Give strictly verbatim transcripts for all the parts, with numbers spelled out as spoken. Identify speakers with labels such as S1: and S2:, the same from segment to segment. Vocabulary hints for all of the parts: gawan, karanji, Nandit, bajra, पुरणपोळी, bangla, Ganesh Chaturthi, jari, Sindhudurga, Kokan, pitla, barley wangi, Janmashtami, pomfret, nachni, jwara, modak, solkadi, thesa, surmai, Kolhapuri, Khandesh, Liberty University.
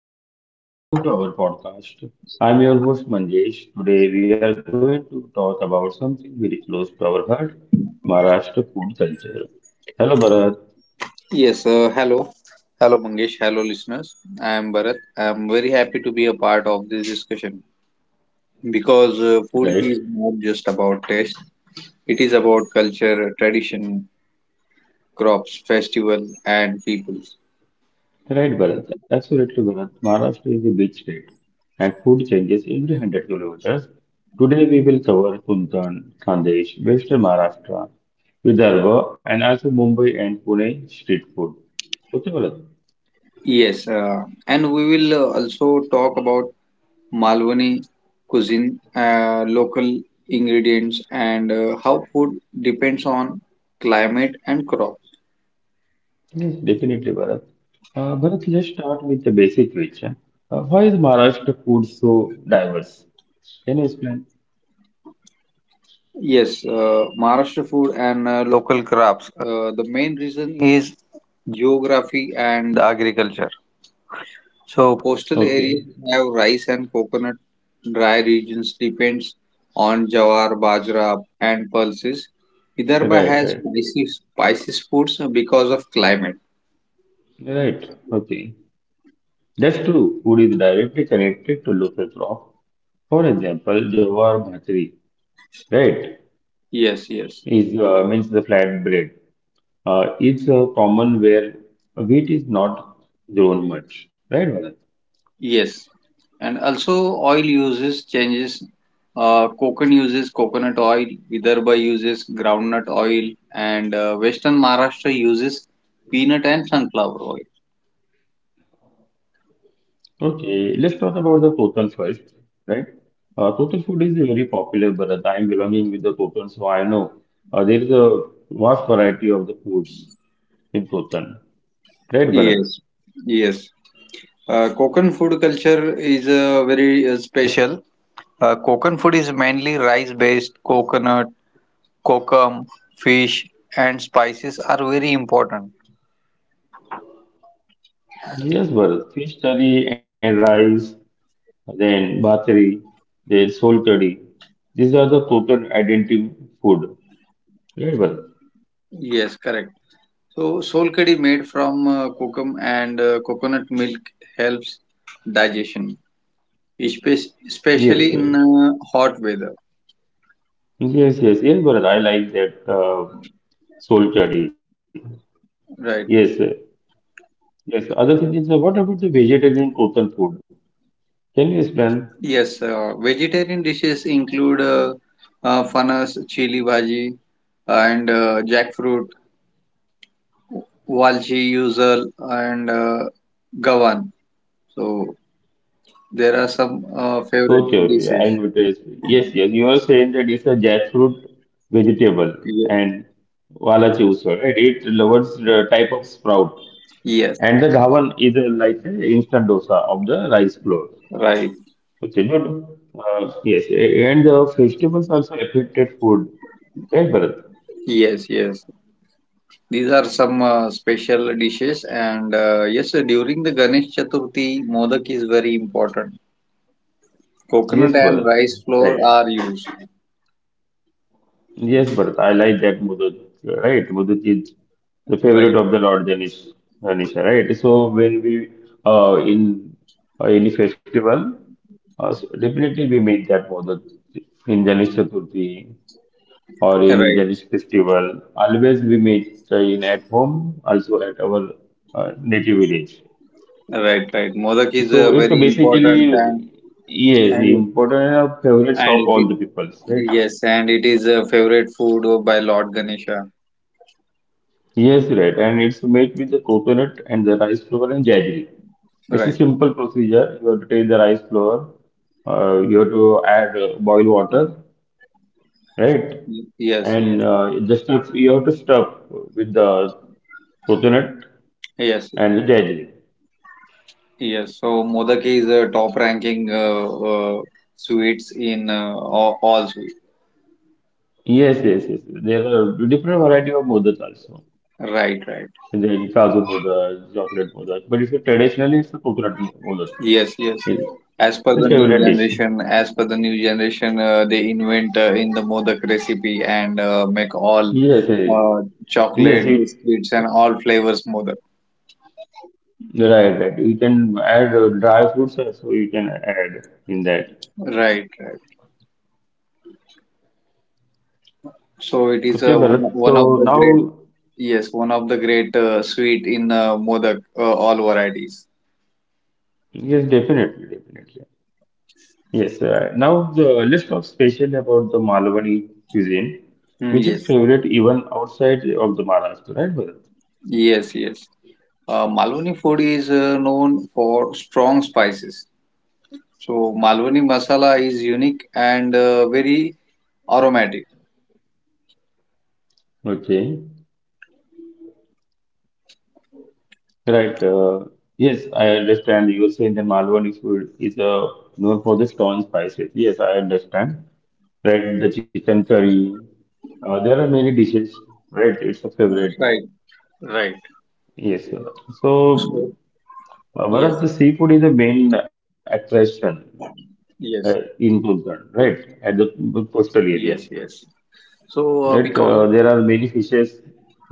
S1: everyone, welcome to our podcast. I'm your host Manjesh. Today we are going to talk about something very close to our heart, Maharashtra food culture. Hello Bharat,
S2: Yes, uh, hello. Hello, Mangesh. Hello, listeners. I am Bharat. I am very happy to be a part of this discussion because uh, food
S1: right?
S2: is not just about taste, it is about culture, tradition, crops, festival, and people.
S1: Right Bharat, absolutely Bharat. Maharashtra is a big state and food changes every one hundred kilometers. Today we will cover Kuntan, Khandesh, Western Maharashtra, Vidarbha and also Mumbai and Pune street food. Okay Bharat?
S2: Yes, uh, and we will uh, also talk about Malwani cuisine, uh, local ingredients, and uh, how food depends on climate and crop.
S1: Yes, definitely, Bharat. Uh, Bharat, let's start with the basic question. Uh, why is Maharashtra food so diverse? Can you explain?
S2: Yes, uh, Maharashtra food and uh, local crops. Uh, the main reason is geography and agriculture. So, coastal areas
S1: Okay,
S2: have rice and coconut. Dry regions depends on jawar, bajra, and pulses. Vidarbha
S1: right,
S2: has
S1: right,
S2: spicy, spicy foods because of climate.
S1: right. Okay, that's true. Food is directly connected to local crop. For example, jawar bhatri, right,
S2: Yes, yes.
S1: is uh, means the flatbread. Uh, it's uh, common where wheat is not grown much, right, Bharat?
S2: Yes, and also oil uses changes. Uh, Konkan uses coconut oil, Vidarbha uses groundnut oil, and uh, Western Maharashtra uses peanut and sunflower oil.
S1: Okay, let's talk about the total first, right? Uh, total food is very popular, but I'm belonging with the total, so I know uh, there is a vast variety of the foods in total, right,
S2: Yes,
S1: Bharat?
S2: yes. Uh, Konkan food culture is uh, very uh, special. Uh, Konkan food is mainly rice-based. Coconut, kokum, fish, and spices are very important.
S1: Yes, Bharat. Fish curry and rice, then bhatri, then sol curry. These are the total identity food, right, Bharat?
S2: Yes, correct. So, solkadi made from uh, kokum and uh, coconut milk helps digestion, espe-
S1: Yes,
S2: especially in
S1: right.
S2: uh, hot weather.
S1: Yes, yes, yes, Bharat. I like that uh, soul curry. Yes, sir.
S2: Right.
S1: Yes, other thing is, uh, what about the vegetarian coastal food? Can you explain?
S2: Yes, uh, vegetarian dishes include uh, uh, fanas, chili bhaji, and uh, jackfruit, walchi, usual, and uh, gawan. So, there are some uh,
S1: Okay, okay,
S2: favorite
S1: I
S2: dishes.
S1: noticed. Yes, yes, you are saying that it's a jackfruit vegetable
S2: Ye-
S1: and wala chusar, right? It loves the type of sprout.
S2: Yes,
S1: And the dhawan is uh, like an instant dosa of the rice flour.
S2: right.
S1: Okay, good. Uh, yes, a- and the vegetables also affected food. Right, Bharat?
S2: Yes, yes. These are some uh, special dishes, and uh, yes, uh, during the Ganesh Chaturthi, modak is very important. Coconut
S1: Yes,
S2: and
S1: Bharat.
S2: rice flour
S1: Right.
S2: are used.
S1: Yes, but I like that Mudut, right? Mudut is the favorite
S2: Right,
S1: of the Lord Ganesh, Ganesha, right? So when we uh, in uh, any festival, uh, so definitely we make that Mudut in Ganesh Chaturthi or any
S2: right,
S1: Ganesh festival. Always we make uh, in at home, also at our uh, native village.
S2: right, right. Modak is uh,
S1: So it's
S2: very important, and
S1: basically yes, the
S2: and it,
S1: important uh, favorites
S2: and
S1: of
S2: it,
S1: all the
S2: is-
S1: peoples, right?
S2: yes, and it is a favorite food by Lord Ganesha.
S1: Yes, right. And it's made with the coconut and the rice flour and jaggery. It's a
S2: Right.
S1: simple procedure. You have to take the rice flour, uh, you have to add uh, boil water, right?
S2: Y- Yes,
S1: And
S2: yes,
S1: uh, the stuff you have to stuff with the coconut
S2: yes,
S1: and the jaggery.
S2: yes. So modak is a top ranking uh, uh, sweets in uh, all, all sweets.
S1: Yes, yes, yes. There are different variety of modak also.
S2: Right, right.
S1: And then Kaju modak, chocolate modak. But if you traditionally, it's the coconut mo- modak.
S2: Yes, yes.
S1: It's
S2: As per
S1: a
S2: the new
S1: favorite dish.
S2: generation, as per the new generation, uh, they invent uh, in the Modak recipe and uh, make all
S1: Yes,
S2: uh,
S1: yes.
S2: chocolate,
S1: Yes, it
S2: biscuits, and all flavors Modak.
S1: right, right. You can add uh, dry fruits also so you can add in that.
S2: Right, right. So it is uh,
S1: Okay,
S2: one,
S1: Bharat.
S2: one
S1: So
S2: of the
S1: now,
S2: great, yes, one of the great uh, sweet in uh, Modak, uh, all varieties.
S1: yes, definitely, definitely. Yes, uh, now the, let's talk special about the Malwani cuisine,
S2: Hmm,
S1: which
S2: yes,
S1: is favorite even outside of the Maharashtra, right, Bharat?
S2: yes, yes. Uh, Malwani food is uh, known for strong spices. So Malwani masala is unique and uh, very aromatic.
S1: Okay, right. Uh, yes, I understand. You were saying the Malwani food is uh, known for the strong spices. Yes, I understand. Right, the chicken curry. Uh, there are many dishes, right? It's a favorite.
S2: Right, right.
S1: Yes. uh,
S2: So
S1: So uh,
S2: yes,
S1: one of the seafood is the main attraction uh,
S2: yes,
S1: in Gulbarga, right?
S2: y-
S1: At the coastal area,
S2: yes, yes. So uh,
S1: right?
S2: because
S1: Uh, there are many fishes.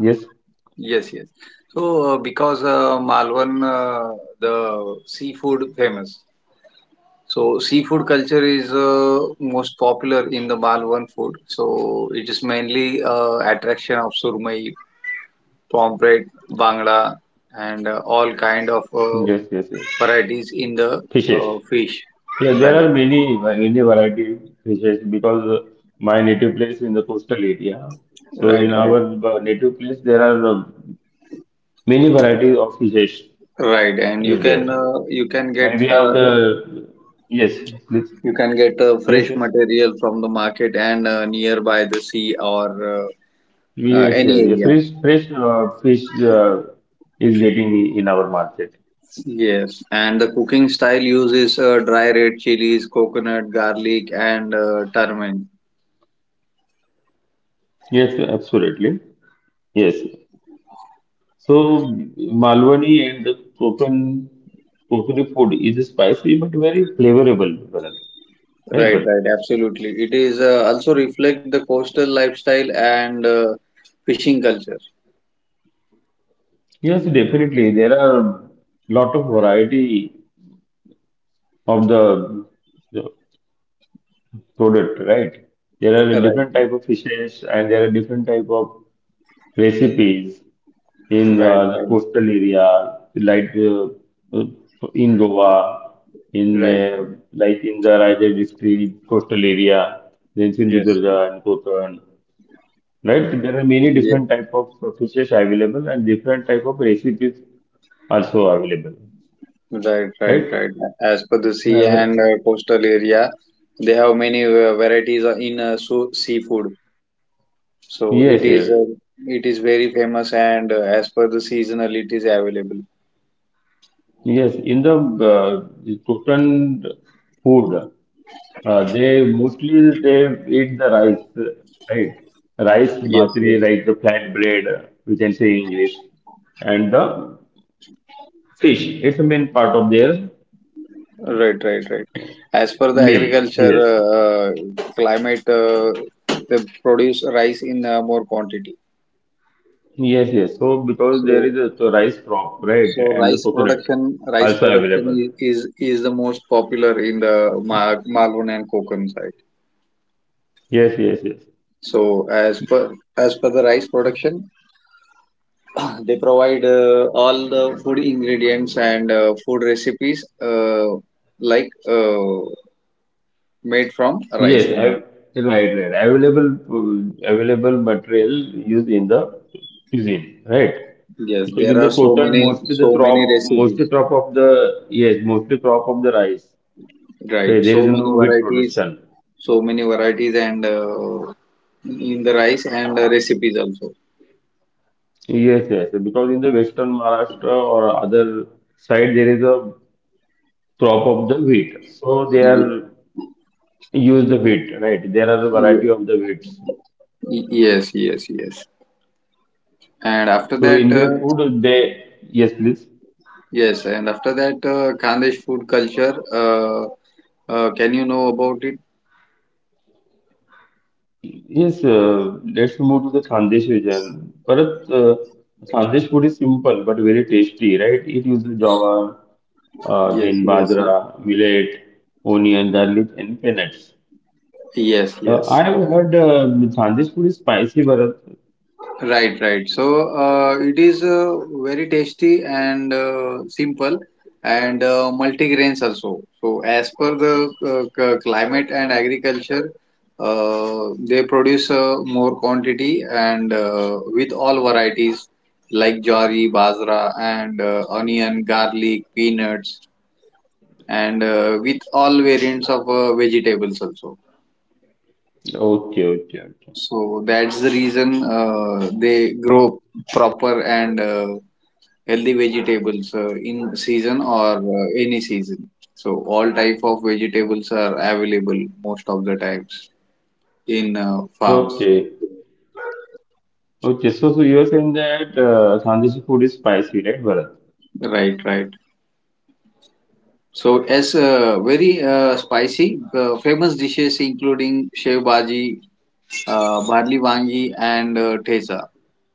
S1: Yes,
S2: yes, yes. So uh, because uh, Malwan, uh, the seafood famous. So seafood culture is uh, most popular in the Malwan food. So it is mainly uh, attraction of surmai, pomfret, bangla, and uh, all kind of uh,
S1: yes, yes, yes.
S2: varieties in the
S1: Fishes.
S2: uh, fish.
S1: Yeah, there
S2: Right,
S1: are many many variety fishes because uh, my native place in the coastal area. So
S2: right,
S1: in
S2: right.
S1: our uh, native place, there are uh, many varieties of fishes
S2: Right, and you
S1: is
S2: can
S1: there,
S2: uh, you can get
S1: and we have
S2: uh,
S1: the yes, please.
S2: you can get uh,
S1: Yes,
S2: fresh
S1: yes.
S2: material from the market and uh, nearby the sea or uh, uh,
S1: Yes,
S2: any
S1: yes, yes.
S2: area.
S1: Fresh, fresh uh, fish uh, is getting in our market.
S2: Yes, and the cooking style uses uh, dry red chilies, coconut, garlic, and uh, turmeric.
S1: Yes, absolutely. Yes. So Malwani and the Kokan Kokani food is spicy but very flavorable, Bharat. Right,
S2: Right,
S1: Bharat?
S2: right, absolutely. It is uh, also reflect the coastal lifestyle and uh, fishing culture.
S1: Yes, definitely. There are lot of variety of the, the product, right? There are
S2: Right,
S1: different
S2: right,
S1: type of fishes and there are different type of recipes. In
S2: right,
S1: uh, the
S2: right.
S1: coastal area, like uh, uh, in Goa, in
S2: right.
S1: uh, like in the Raigad district coastal area, then
S2: Yes,
S1: Sindhudurga and Kokan. Right, there are many different
S2: yes.
S1: type of fishes available and different type of recipes also available.
S2: Right, right,
S1: Right?
S2: right. As per the sea and
S1: Uh,
S2: uh, coastal area, they have many uh, varieties of- in uh, so seafood.
S1: yes,
S2: So it
S1: yes.
S2: is uh, it is very famous and uh, as per the seasonal it is available.
S1: Yes, in the uh, Kokan food. Uh, they mostly they eat the rice, right? Rice,
S2: Yes,
S1: bhatri,
S2: yes.
S1: like the flat bread, we can say in English, and the fish. It's the main part of their
S2: Right, right, right. As per
S1: meal.
S2: the
S1: Yes,
S2: agriculture uh, uh, climate, uh, they produce rice in uh, more quantity.
S1: yes, yes. So because there
S2: So,
S1: is a so rice crop, right,
S2: so
S1: and the
S2: rice
S1: coconut
S2: production, rice
S1: also
S2: production
S1: available.
S2: is is, is the most popular in the Ma Malwan and Konkan side.
S1: Yes, yes, yes.
S2: So as per as per the rice production, they provide uh, all the food ingredients and uh, food recipes uh, like uh, made from
S1: Yes,
S2: rice
S1: av-
S2: only.
S1: right, right. Available, uh, available material used in the cuisine, right?
S2: Yes,
S1: Because
S2: there
S1: in the
S2: are so
S1: total,
S2: many
S1: mostly the
S2: so many
S1: crop, mostly
S2: recipes,
S1: crop of the, yes, mostly crop of the rice. Hey,
S2: right?
S1: there is
S2: So
S1: no
S2: many
S1: wheat
S2: varieties,
S1: production.
S2: so many varieties and uh, in the rice and uh, recipes also.
S1: Yes, yes, because in the Western Maharashtra or other side, there is a crop of the wheat. So they
S2: Ye-
S1: are use the wheat, right? There are a
S2: ye-
S1: variety of the wheats.
S2: Yes, yes, yes. And after
S1: So
S2: that,
S1: in
S2: uh,
S1: their food, they, yes, please.
S2: yes, and after that, uh, Khandesh food culture. Uh, uh, can you know about it?
S1: Yes, uh, let's move to the Khandesh region. Bharat, uh, Khandesh food is simple but very tasty, right? It uses jawar, uh,
S2: Yes,
S1: then
S2: yes, yes.
S1: bajra, millet, onion, garlic, and peanuts.
S2: Yes,
S1: Uh,
S2: yes.
S1: I have heard uh, Khandesh food is spicy, Bharat.
S2: Right, right. So uh, it is uh, very tasty and uh, simple and uh, multigrains also. So as per the uh, c- climate and agriculture, uh, they produce uh, more quantity and uh, with all varieties like jari, bajra and uh, onion, garlic, peanuts and uh, with all variants of uh, vegetables also.
S1: Okay, okay, okay.
S2: So that's the reason uh, they grow proper and uh, healthy vegetables uh, in season or uh, any season. So all type of vegetables are available most of the times in uh,
S1: So,
S2: farms.
S1: okay, okay. So, so you are saying that uh, Khandesh food is spicy, right, Bharat?
S2: Right, right. So as uh, very uh, spicy, uh, famous dishes including shev bhaji, uh, barley wangi, and uh, thesa.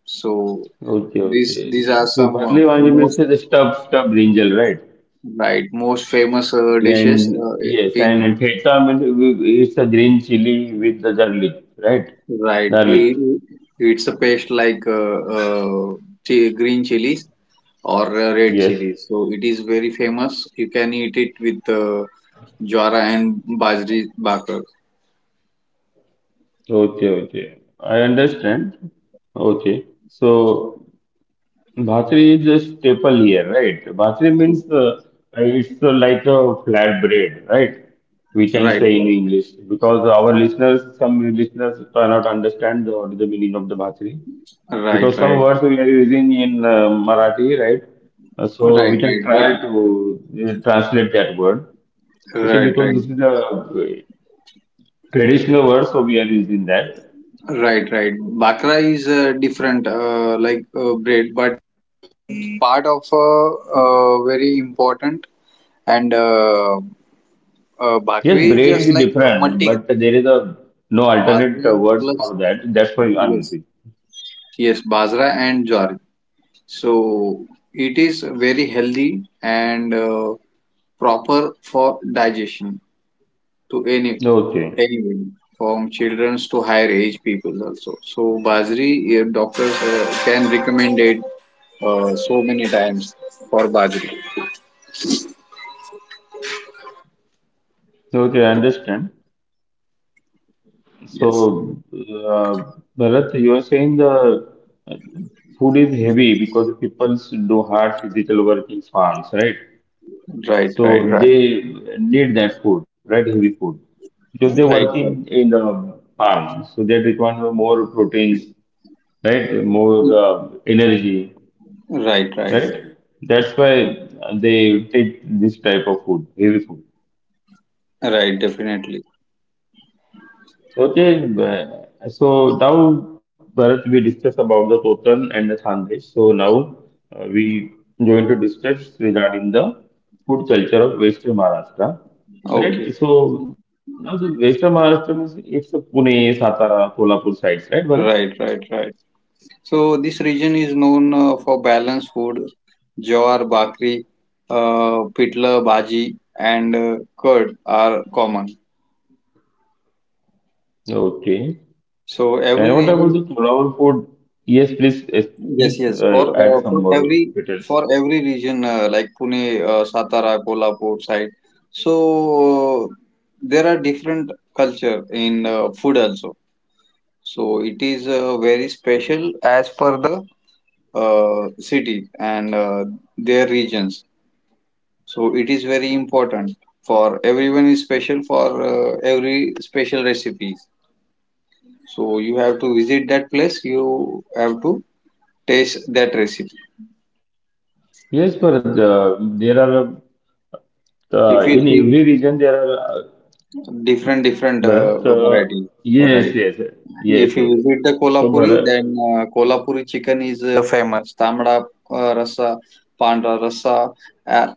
S2: So
S1: Okay,
S2: These
S1: okay.
S2: these are
S1: So,
S2: some uh,
S1: barley wali means
S2: most
S1: the stuff, stuff brinjal, right?
S2: right most famous uh, dishes
S1: And
S2: uh,
S1: yes,
S2: in
S1: and theta means it's a green chili with the garlic, right?
S2: right.
S1: Garlic.
S2: I- It's a paste like uh, uh, chi- green chilies or uh, red
S1: Yes.
S2: chilies. So it is very famous. You can eat it with uh, jwara and bajri bhakar.
S1: Okay, okay. I understand. Okay. So bhatri is a staple here, right? Bhatri means uh, it's uh, like a flat bread, right? We can
S2: Right,
S1: say in
S2: right,
S1: English because our listeners, some listeners cannot understand the, what is the meaning of the bhatri.
S2: right,
S1: Because some
S2: right,
S1: words we are using in uh, Marathi, right? Uh,
S2: right,
S1: so we can
S2: right. But
S1: try to uh, translate that word. Okay,
S2: right,
S1: because
S2: right,
S1: this is a traditional word, so we are using that.
S2: right, right. Bakra is uh, different, uh, like uh, bread.
S1: Yes, braid is different, but there is a no alternate uh, words for that. That's why I'm
S2: Yes,
S1: using.
S2: yes, Bajra and Jowar. So it is very healthy and uh, proper for digestion to any
S1: Okay,
S2: anyone, from children to higher age people also. So Bajri, uh, doctors uh, can recommend it uh, so many times for Bajri.
S1: okay, I understand.
S2: Yes,
S1: So, uh, Bharat, you are saying the uh, food is heavy because people do hard physical work in farms, right?
S2: right, right,
S1: So
S2: Right.
S1: they need that food, right? Heavy food. Because they
S2: right,
S1: working in the farm, so they require more proteins, right? More uh, energy,
S2: right, right, right,
S1: right? That's why they take this type of food, heavy food.
S2: right, definitely.
S1: Okay, uh, so now Bharat, we discussed about the Totan and the Thandesh. So now uh, we going to discuss regarding the food culture of Western Maharashtra.
S2: Okay,
S1: Right? So now the Western Maharashtra means it's a Pune, Satara, Kolhapur sides, right, Bharat?
S2: right, right, right. So this region is known uh, for balanced food, jawar, bakri, uh, pitla, bhaji, and uh, curd are common.
S1: Okay.
S2: So every
S1: And what about the
S2: region,
S1: Kolhapur food? Yes, please, yes,
S2: yes,
S1: please
S2: yes, for
S1: uh,
S2: uh,
S1: add some
S2: for
S1: more
S2: every for
S1: details.
S2: every region uh, like Pune, uh, Satara, Kolhapur side. So uh, there are different culture in uh, food also. So it is uh, very special as per the uh, city and uh, their regions. So it is very important for everyone is special for uh, every special recipes. So you have to visit that place. You have to taste that recipe.
S1: Yes, but uh, there are uh,
S2: If you
S1: in
S2: see
S1: every region there are uh,
S2: different different uh,
S1: Bharat, uh,
S2: variety,
S1: yes,
S2: right?
S1: yes, yes,
S2: If you
S1: yes.
S2: visit the
S1: So
S2: Kolhapuri,
S1: Bharat,
S2: then uh, Kolhapuri chicken is uh, famous. Tamda uh, rasa, Pandra rasa uh,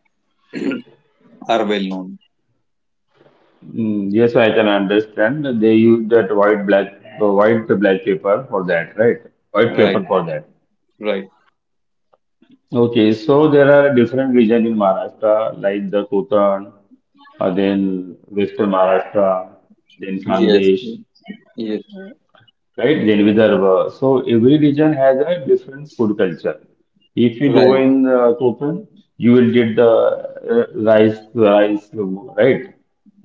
S2: are well known.
S1: mm, yes, I can understand. They use that white black, uh, white black paper for that, right? White
S2: Right,
S1: paper for that.
S2: right.
S1: Okay, so there are different regions in Maharashtra, like the Kotan, uh, then Western Maharashtra, then
S2: Yes,
S1: Khandesh.
S2: yes,
S1: Right, Jane Vidarbha. So every region has a different food culture. If you go
S2: right.
S1: in uh, Koken, you will get the uh, rice, uh, rice, right?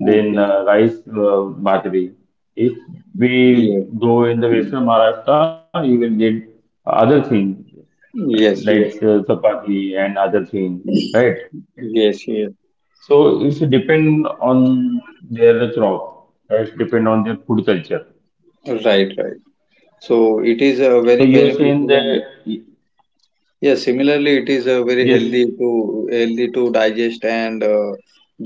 S1: Then
S2: Okay.
S1: uh, rice uh, bhatri. If we
S2: Yes,
S1: go in the western Maharashtra, you will get other thing
S2: yes, yes,
S1: like uh, chapati and other thing, right?
S2: yes, yes.
S1: So it should depend on their crop, right? Depend on their food culture.
S2: Right, right. So it is uh,
S1: So
S2: very
S1: you are saying
S2: beneficial and
S1: that.
S2: yes, similarly it is uh, very
S1: Yes,
S2: healthy to healthy to digest and uh,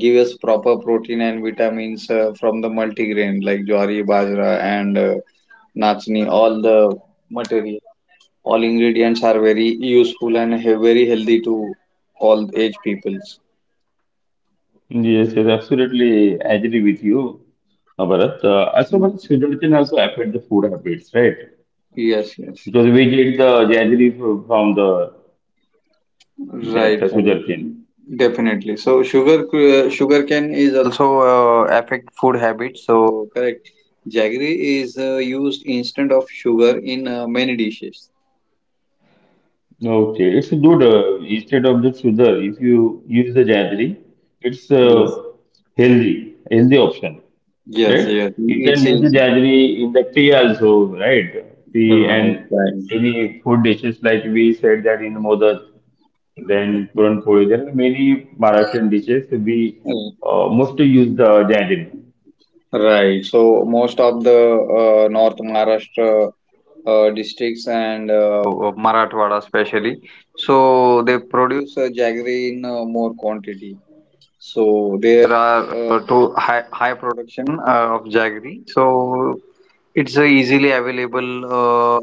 S2: give us proper protein and vitamins uh, from the multigrain like jowari, bajra and uh, nachni. All the material, all ingredients are very useful and he- very healthy to all age peoples.
S1: yes, yes, absolutely I agree with you, uh, Bharat. Uh, also, Bharat,
S2: Mm,
S1: sweeter can also affect the food habits, right?
S2: yes, yes.
S1: Because we get the jaggery fro- from the
S2: Right,
S1: that uh,
S2: right.
S1: sugar.
S2: Definitely. So sugar uh, sugarcane is also uh, affect food habits. So correct. Jaggery is uh, used instead of sugar in uh, many dishes.
S1: Okay, it's good. Uh, instead of the sugar, if you use the jaggery, it's uh,
S2: Yes.
S1: healthy, healthy option,
S2: Yes,
S1: right?
S2: yes.
S1: You can
S2: It's,
S1: use the
S2: it's
S1: jaggery in the tea also, right? Tea
S2: right,
S1: and
S2: right.
S1: any food dishes like we said that in the modak. Then पुरणपोळी. There are many Maharashtrian dishes. We
S2: Mm,
S1: uh, mostly use the jaggery.
S2: Right. So most of the uh, North Maharashtra uh, districts and uh, Marathwada especially, so they produce uh, jaggery in uh, more quantity. So there There are uh, uh, two high, high production uh, of jaggery, so it's uh, easily available. Uh,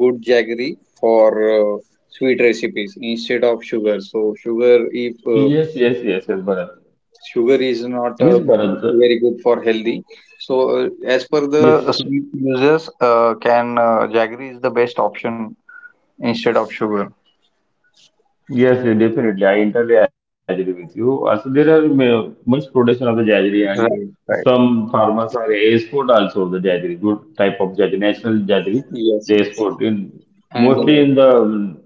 S2: Good jaggery for uh, sweet recipes instead of sugar. So sugar, if uh,
S1: Yes, yes, yes, yes, Bharat.
S2: sugar is not uh,
S1: Yes, Bharat.
S2: very good for healthy. So uh, as per the
S1: Yes,
S2: the sweet users uh, can uh, jaggery is the best option instead of sugar.
S1: yes, yeah, definitely. I entirely agree with you. Also, there are ma- much production of the jaggery, and
S2: Right, right.
S1: some farmers are export also of the jaggery, good type of jaggery, national jaggery.
S2: yes,
S1: They
S2: yes,
S1: export in
S2: and
S1: mostly
S2: uh,
S1: in the um,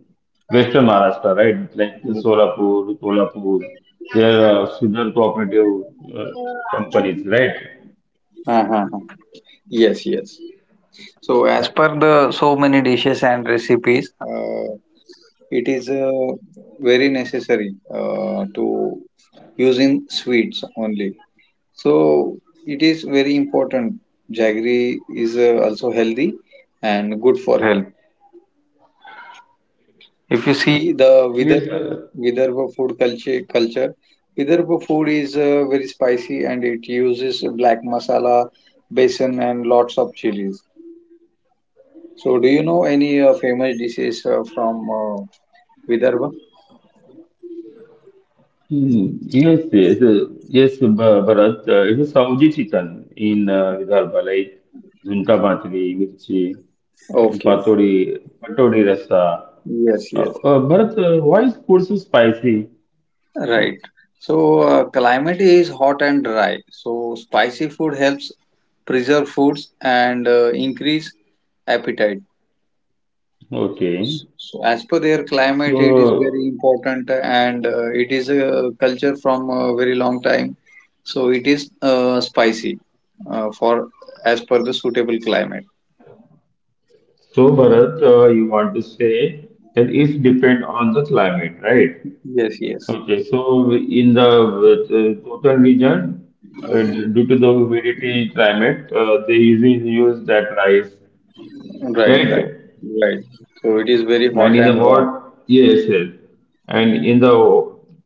S1: western Maharashtra, right? Like in Solapur, Kolhapur. There are sugar cooperative uh, companies, right?
S2: uh, uh, yes, yes. So as per the so many dishes and recipes, uh, it is uh, very necessary uh, to using sweets only. So it is very important. Jaggery is uh, also healthy and good for health. If you see the
S1: Yes,
S2: Vidar-
S1: sir.
S2: Vidarbha food culture, culture Vidarbha food is uh, very spicy and it uses black masala, basin, and lots of chilies. So, do you know any uh, famous dishes uh, from uh, Vidarbha?
S1: Hmm, yes, yes, uh, yes, Bha- Bharat. uh, It's a Saudi chicken in uh, Vidarbha, like Junta Matri, Mirchi, and
S2: Okay.
S1: Patodi, Patodi Rasa.
S2: Yes,
S1: Uh,
S2: yes.
S1: uh, Bharat, uh, why is food so spicy? Oh,
S2: Right. So, uh, climate is hot and dry. So, spicy food helps preserve foods and uh, increase appetite.
S1: okay.
S2: So, as per their climate, it is very
S1: So,
S2: important and uh, it is a culture from a very long time. So, it is uh, spicy uh, for as per the suitable climate.
S1: so Bharat, uh, you want to say that it depends on the climate, right?
S2: Yes, yes.
S1: Okay, so in the uh, total region, uh, due to the humidity climate, uh, they usually use that rice,
S2: Right, right,
S1: right?
S2: right. So it is very
S1: And
S2: hot
S1: in the
S2: and uh,
S1: hot, yes, yes. And in the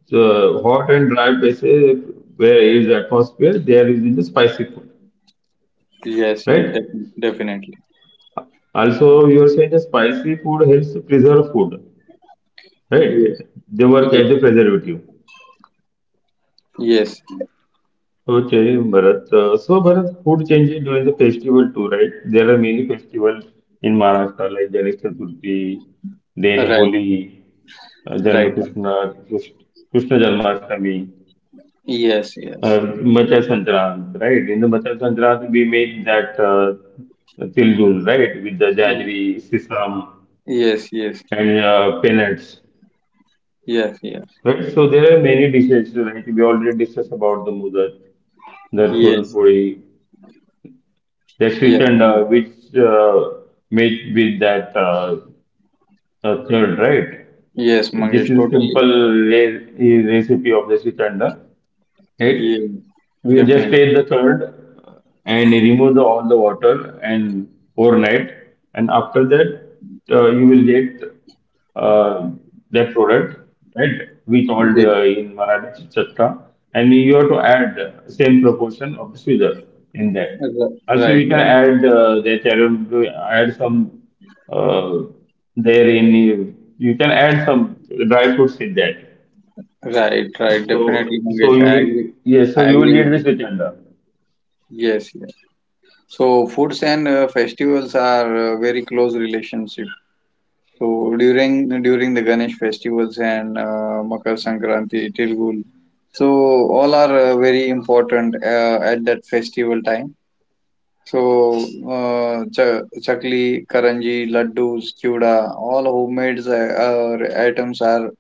S1: the hot and dry places where is atmosphere, they are using the spicy food,
S2: yes, yes,
S1: right?
S2: def- definitely.
S1: Also, you are saying the spicy food helps to preserve food, right?
S2: Yes,
S1: They work
S2: yes,
S1: as a preservative.
S2: yes.
S1: Okay, Bharat. Uh, so, Bharat, food changes during the festival too, right? There are many festivals in Maharashtra like Ganesh Chaturthi, then
S2: Right,
S1: Holi, uh, Janma
S2: right.
S1: Krishna, Krishna Krishna Janmashtami,
S2: Yes,
S1: uh,
S2: yes,
S1: Machar Sankrant, right? In the Machar Sankrant, we make that uh, tiljul, right, with the
S2: Y-
S1: jaggery, sesame,
S2: yes, yes,
S1: and uh, peanuts,
S2: yes, yes,
S1: right? So there are many dishes, right? We already discussed about the mudar, the puran
S2: yes,
S1: puri, that's with
S2: yes,
S1: and uh,
S2: Mangesh.
S1: which uh, mate with that uh, uh, third, right?
S2: Yes,
S1: This
S2: Mangesh.
S1: is
S2: Totally.
S1: simple re- recipe of the srikanda, right?
S2: Yes,
S1: We just
S2: definitely.
S1: take the curd and remove the all the water and overnight, and after that uh, you will get uh, that product, right? We called
S2: Yes.
S1: uh, in Marathi chatka, and you have to add same proportion of the sugar in that.
S2: Ri-
S1: Also,
S2: Right,
S1: you can
S2: right,
S1: add uh, the carom- add some uh, there in you can add some dry fruits in that
S2: right, right. Definitely,
S1: so, so
S2: Mangesh.
S1: you
S2: I
S1: will,
S2: agree.
S1: yes, so
S2: I
S1: you will
S2: agree
S1: get
S2: with you.
S1: this agenda.
S2: Yes, yes. So foods and uh, festivals are uh, very close relationship. So during during the Ganesh festivals and uh, Makar Sankranti, Tilgul, so all are uh, very important uh, at that festival time. So uh, cha- chakli, karanji, laddus, chuda, all homemade uh, uh, items are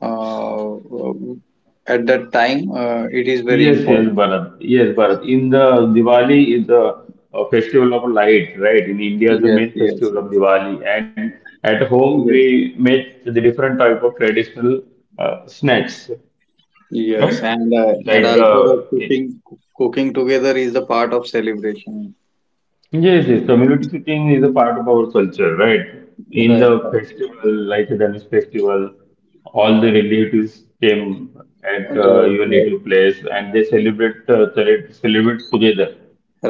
S2: uh, at that time. Uh, it is very
S1: Yes, yes,
S2: important.
S1: Bharat. Yes, Bharat. In the Diwali is the uh, festival of light, right? In India is the
S2: Yes,
S1: main
S2: yes,
S1: festival of
S2: yes,
S1: Diwali, and at home
S2: yes,
S1: we make the different type of traditional uh, snacks, right?
S2: yes. And uh, and
S1: Like
S2: also the
S1: the
S2: cooking cooking together is the part of celebration.
S1: yes, yes, community cooking is a part of our culture, right? In the
S2: Right.
S1: festival, like Ganesh festival, all the relatives came at
S2: Right,
S1: uh, your
S2: right,
S1: native place and they celebrate uh, cele- celebrate together.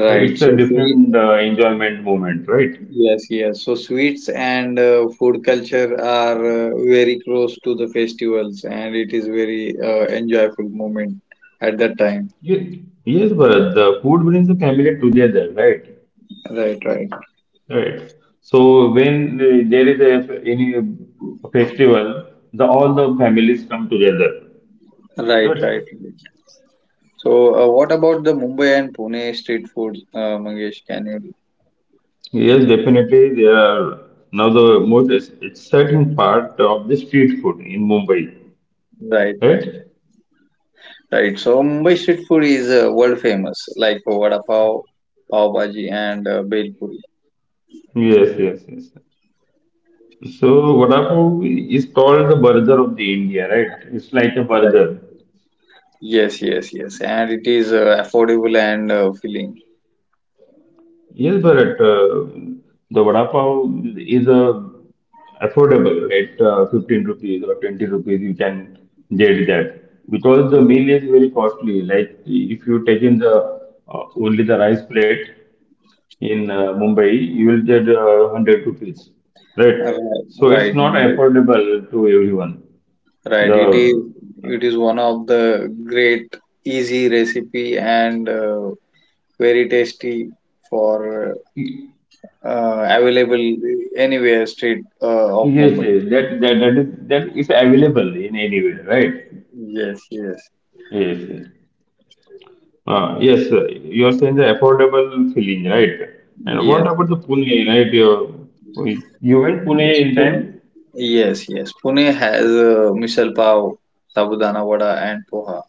S1: So it's a
S2: So sweet,
S1: different uh, enjoyment moment, right?
S2: yes, yes. So sweets and uh, food culture are uh, very close to the festivals, and it is very uh, enjoyable moment at that time.
S1: Yes, yes, but the food brings the family together, right?
S2: Right, right,
S1: Right. So when uh, there is a any festival, the all the families come together.
S2: right, right. right.
S1: Right.
S2: So, uh, what about the Mumbai and Pune street food, uh, Mangesh? Can you?
S1: Yes, definitely. There are now the most ex- exciting part of the street food in Mumbai,
S2: Right, right,
S1: right?
S2: right. So, Mumbai street food is uh, world famous, like for vada pav, pav bhaji, and uh, bhel puri.
S1: Yes, yes, yes. So vada pav is called the burger of the India, right? It's like a
S2: Right.
S1: burger.
S2: Yes, yes, yes. And it is uh, affordable and uh, filling.
S1: Yes, Bharat. Uh, the vada pav is a affordable at uh, fifteen rupees or twenty rupees. You can get that because the
S2: Right.
S1: meal is very costly. Like if you take in the uh, only the rice plate, in uh, Mumbai, you will get uh, one hundred rupees, right?
S2: Right,
S1: So it's
S2: right,
S1: not
S2: Nandit.
S1: affordable to everyone.
S2: Right. It is
S1: The
S2: it is one of the great easy recipe and uh, very tasty for
S1: yes,
S2: uh, available anywhere street uh, of
S1: yes,
S2: Mumbai.
S1: that that that is that is available in anywhere, right?
S2: Yes, yes,
S1: Yes, yes. Uh, yes, sir, you are saying the affordable feeling, right? And what
S2: yes,
S1: about the Pune, right? You, you went
S2: yes.
S1: Pune in
S2: Pune.
S1: time?
S2: Yes, yes. Pune has uh, misal pav, sabudana vada, and poha.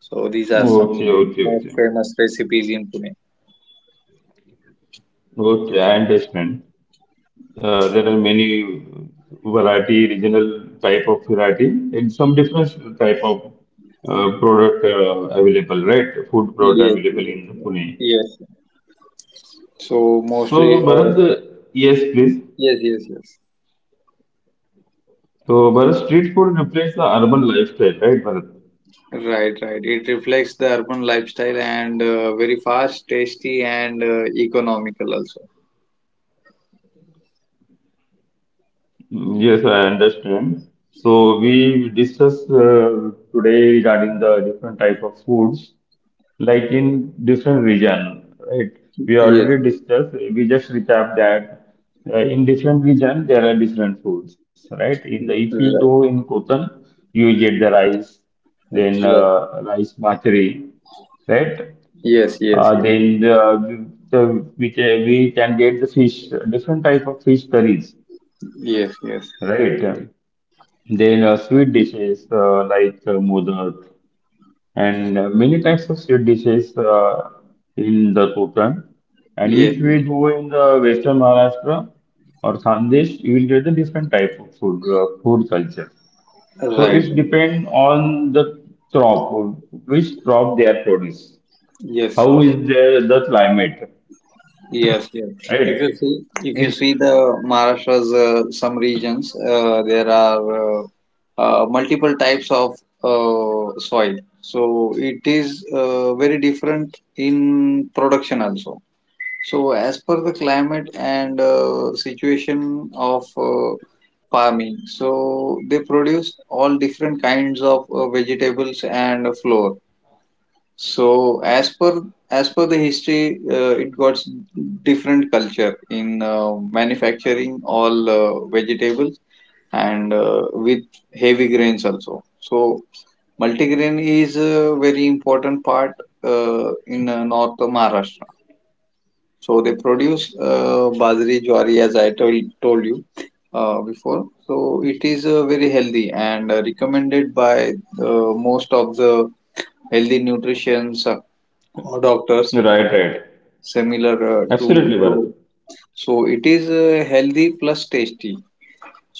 S2: So these are some
S1: Okay, okay,
S2: most
S1: okay.
S2: famous recipes in Pune.
S1: Okay, I understand. Uh, there are many variety, regional type of variety, and some different type of uh, product uh, available, right? Food product
S2: Yes,
S1: available
S2: yes,
S1: in
S2: yeah.
S1: Pune.
S2: Yes. So
S1: So,
S2: mostly, uh,
S1: Bharat, uh, yes, please.
S2: yes, yes, yes.
S1: So, Bharat, street food replaces the urban lifestyle, right, Bharat?
S2: Right, right. It reflects the urban lifestyle and uh, very fast, tasty, and uh, economical also.
S1: Mm, yes, I understand. So we discussed uh, today regarding the different type of foods, like in different region, right? We
S2: Yes,
S1: already discussed. We just recap that uh, in different region there are different foods, right? In the if you go
S2: right,
S1: in Kotan, you will get the rice, then
S2: right.
S1: uh, rice bhakri, right?
S2: Yes, yes,
S1: Uh,
S2: yes,
S1: then uh, the, we, can, we can get the fish, different type of fish curries,
S2: yes, yes,
S1: right? Then uh, sweet dishes uh, like uh, modak and uh, many types of sweet dishes uh, in the Kokan. And
S2: yes.
S1: if we
S2: Yes.
S1: go in the Western Maharashtra or Khandesh, you will get the different type of food, uh, food culture. So
S2: Right,
S1: it
S2: right.
S1: depends on the crop, which crop they are produce,
S2: Yes.
S1: how is the, the climate,
S2: Yes, yes. If
S1: right?
S2: you see, if you
S1: Is-
S2: see the Maharashtra's uh, some regions, uh, there are uh, uh, multiple types of uh, soil. So it is uh, very different in production also. So as per the climate and uh, situation of uh, farming, so they produce all different kinds of uh, vegetables and flour. So as per as per the history, uh, it got s- different culture in uh, manufacturing all uh, vegetables and uh, with heavy grains also. So multigrain is a very important part uh, in uh, North of Maharashtra. So they produce uh, bajri, jowari, as I told told you uh, before. So it is uh, very healthy and uh, recommended by uh, most of the healthy nutritionists uh, or doctors
S1: Right, right.
S2: similar uh, to.
S1: Absolutely,
S2: so
S1: Bharat.
S2: so it is uh, healthy plus tasty,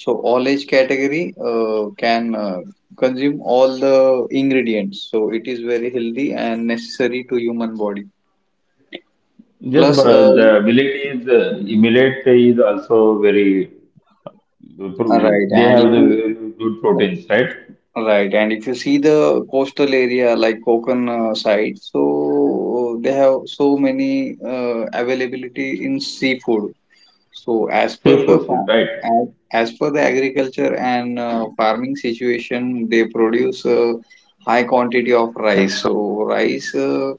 S2: so all age category uh, can uh, consume all the ingredients, so it is very healthy and necessary to human body
S1: Yes,
S2: plus uh,
S1: Bharat, the millet is, uh, millet is also very the
S2: uh,
S1: pro-
S2: right,
S1: they
S2: and
S1: have
S2: if
S1: the
S2: you
S1: good
S2: uh,
S1: proteins, right?
S2: right, and if you see the coastal area like Konkan uh, side, so they have so many uh, availability in seafood. So as per
S1: Safe
S2: the
S1: foods,
S2: farm,
S1: right?
S2: as, as per the agriculture and uh, farming situation, they produce a high quantity of rice. So rice, uh,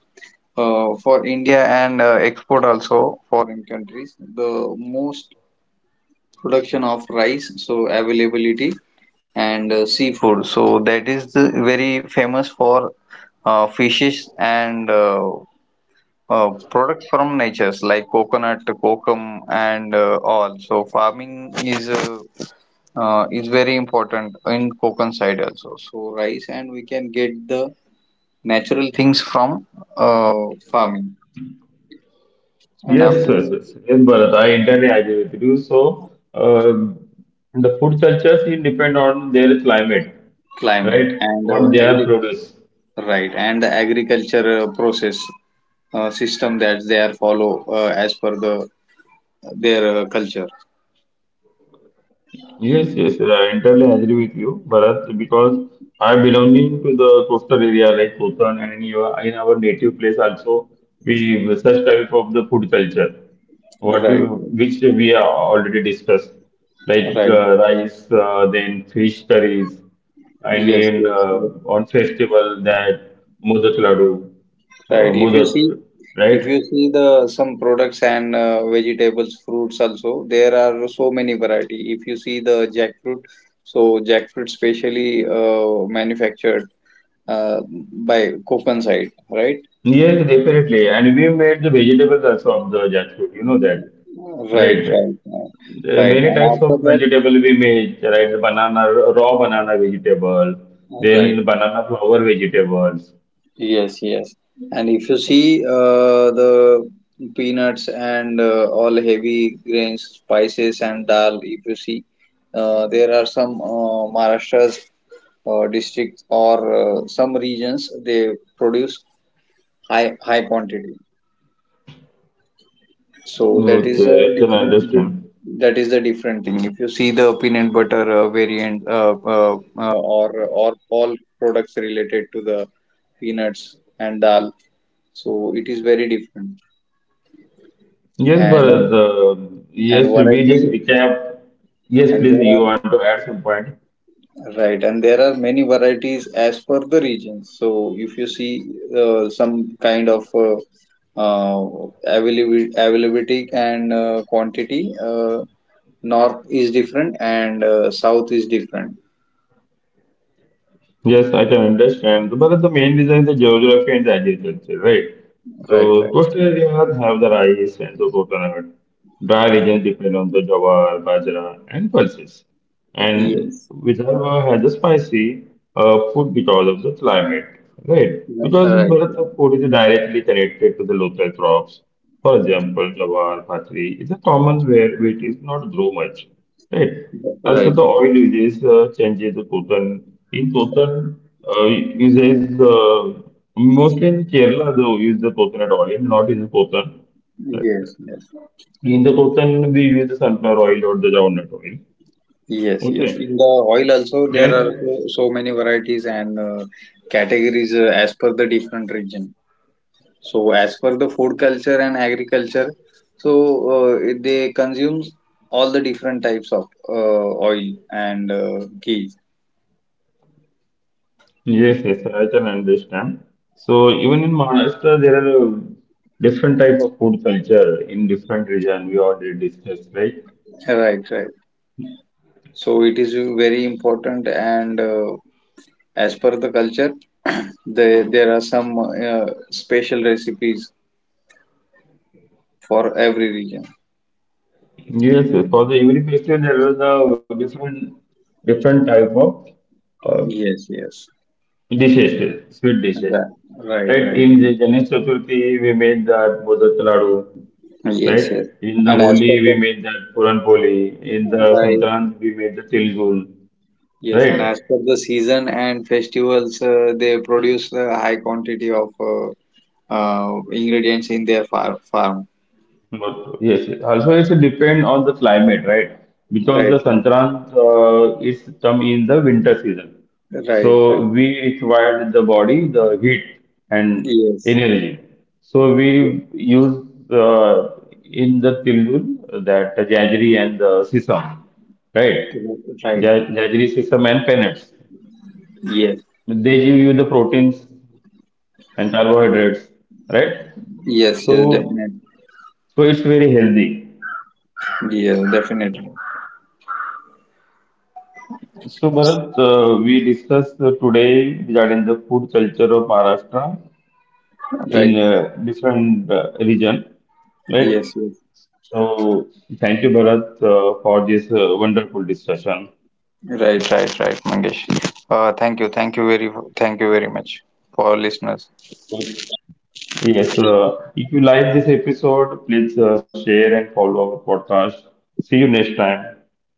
S2: uh, for India and uh, export also foreign countries, the most production of rice, so availability and uh, seafood. So that is the very famous for uh, fishes and uh, uh, product from natures like coconut, kokum, and uh, all. So farming is uh, uh, is very important in Konkan side also. So rice and we can get the natural things from uh, farming and
S1: Yes.
S2: after
S1: Mm, yes,
S2: the
S1: yes, yes, Bharat, I entirely agree with you. So, um the food cultures will depend on their climate,
S2: climate
S1: right?
S2: and
S1: What
S2: uh,
S1: they have
S2: agri
S1: produced.
S2: right, and the agriculture uh, process uh, system that they are follow uh, as per the their uh, culture.
S1: Yes, yes, yes. I entirely agree with you, Bharat, because I belonging to the coastal area like Kotan and in your, in our native place also, we such type of the food culture, what we,
S2: Right,
S1: which we have already discussed, like
S2: right.
S1: uh, rice, uh, then fish curries, and
S2: Yes,
S1: in
S2: yes,
S1: uh,
S2: yes.
S1: on festival that modak laddu, uh,
S2: Right. If you
S1: modak,
S2: see,
S1: right?
S2: if you see the some products and uh, vegetables, fruits also, there are so many variety. If you see the jackfruit, so jackfruit specially uh, manufactured uh, by Copan side, right?
S1: Yes, definitely, and we made the vegetables also of the jackfruit, you know that,
S2: Right,
S1: right?
S2: right, right.
S1: There are
S2: Right.
S1: many
S2: And
S1: types
S2: after
S1: of
S2: that,
S1: vegetable we make, right? Banana, raw banana vegetable,
S2: right.
S1: then banana flower vegetables.
S2: Yes, yes. And if you see uh, the peanuts and uh, all heavy grains, spices and dal, if you see, uh, there are some uh, Maharashtra's uh, districts or uh, some regions they produce high high quantity, so that is the
S1: Okay, I can
S2: different,
S1: understand.
S2: that is the different thing if you see the peanut butter uh, variant, uh, uh, uh, or or all products related to the peanuts and dal, so it is very different
S1: Yes,
S2: and
S1: Bharat, uh,
S2: and
S1: yes, we just
S2: variety,
S1: recap. Yes,
S2: and
S1: please,
S2: there
S1: you
S2: are
S1: want to add some point?
S2: right, and there are many varieties as per the region. So if you see uh, some kind of uh, uh, availability, availability and uh, quantity, uh, north is different and uh, south is different.
S1: Yes, I can understand. But the main reason is the geography and the agriculture, right?
S2: Right,
S1: So
S2: right.
S1: coastal areas have the rice and the coconut. Dry regions depend on the jawar, bajra, and pulses. And
S2: Yes.
S1: Vidarbha has a spicy uh, food because of the climate, right? Because
S2: Right,
S1: Bharat of food is directly connected to the local crops. For example, jawar, bajra is a common where wheat is not grow much, right? Also,
S2: right.
S1: the oil uses uh, changes the total. In total, uh, uses uh, mostly in Kerala they use the coconut oil, not in the coconut.
S2: Yes, yes,
S1: In the cooking, we use the sunflower oil or the groundnut oil.
S2: yes, yes.
S1: Okay.
S2: In the oil also there are
S1: And
S2: so, so many varieties and uh, categories uh, as per the different region. So, as per the food culture and agriculture, so uh, it- they consume all the different types of uh, oil and uh, ghee.
S1: yes, yes, I can understand. So even in Maharashtra, there are uh, different type of food culture in different region. We already discussed, right?
S2: Right, right. So it is very important, and uh, as per the culture, there there are some uh, special recipes for every region.
S1: Yes, yes. For the every festival, there are the different different type of uh,
S2: Yes, yes.
S1: dishes, sweet dishes.
S2: That, right,
S1: Right?
S2: right.
S1: In the Ganesh Chaturthi, we made the modak laddu, right?
S2: Yes, yes.
S1: In the
S2: And as
S1: Holi,
S2: per
S1: we
S2: the
S1: made that Puran Poli. In the
S2: right,
S1: Sankrant, we made the Tilgun,
S2: yes,
S1: right?
S2: and as per the season and festivals, uh, they produce a high quantity of uh, uh, ingredients in their far farm.
S1: But yes, also it's depend on the climate, right? Because the
S2: Right,
S1: Sankrant uh, is come in the winter season,
S2: right,
S1: so
S2: right.
S1: we required the body the heat and
S2: Yes,
S1: energy. So
S2: yes,
S1: we use uh, in the Tilgun that jaggery and the sesame, right?
S2: right.
S1: Ja- Jaggery sesame and peanuts.
S2: Yes,
S1: They give you the proteins and carbohydrates, right?
S2: yes, yes,
S1: So,
S2: definitely.
S1: so it's very healthy.
S2: Yes, definitely.
S1: So, Bharat, uh, we discussed uh, today regarding the food culture of Maharashtra
S2: Right.
S1: in uh, different uh, region, right?
S2: Yes, yes.
S1: So, thank you, Bharat, uh, for this uh, wonderful discussion.
S2: Right, right, right, Mangesh. Uh, thank you, thank you very, thank you very much for our listeners.
S1: Yes, uh, if you like this episode, please uh, share and follow our podcast. See you next time.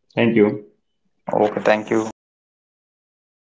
S1: Thank you.
S2: Okay, thank you.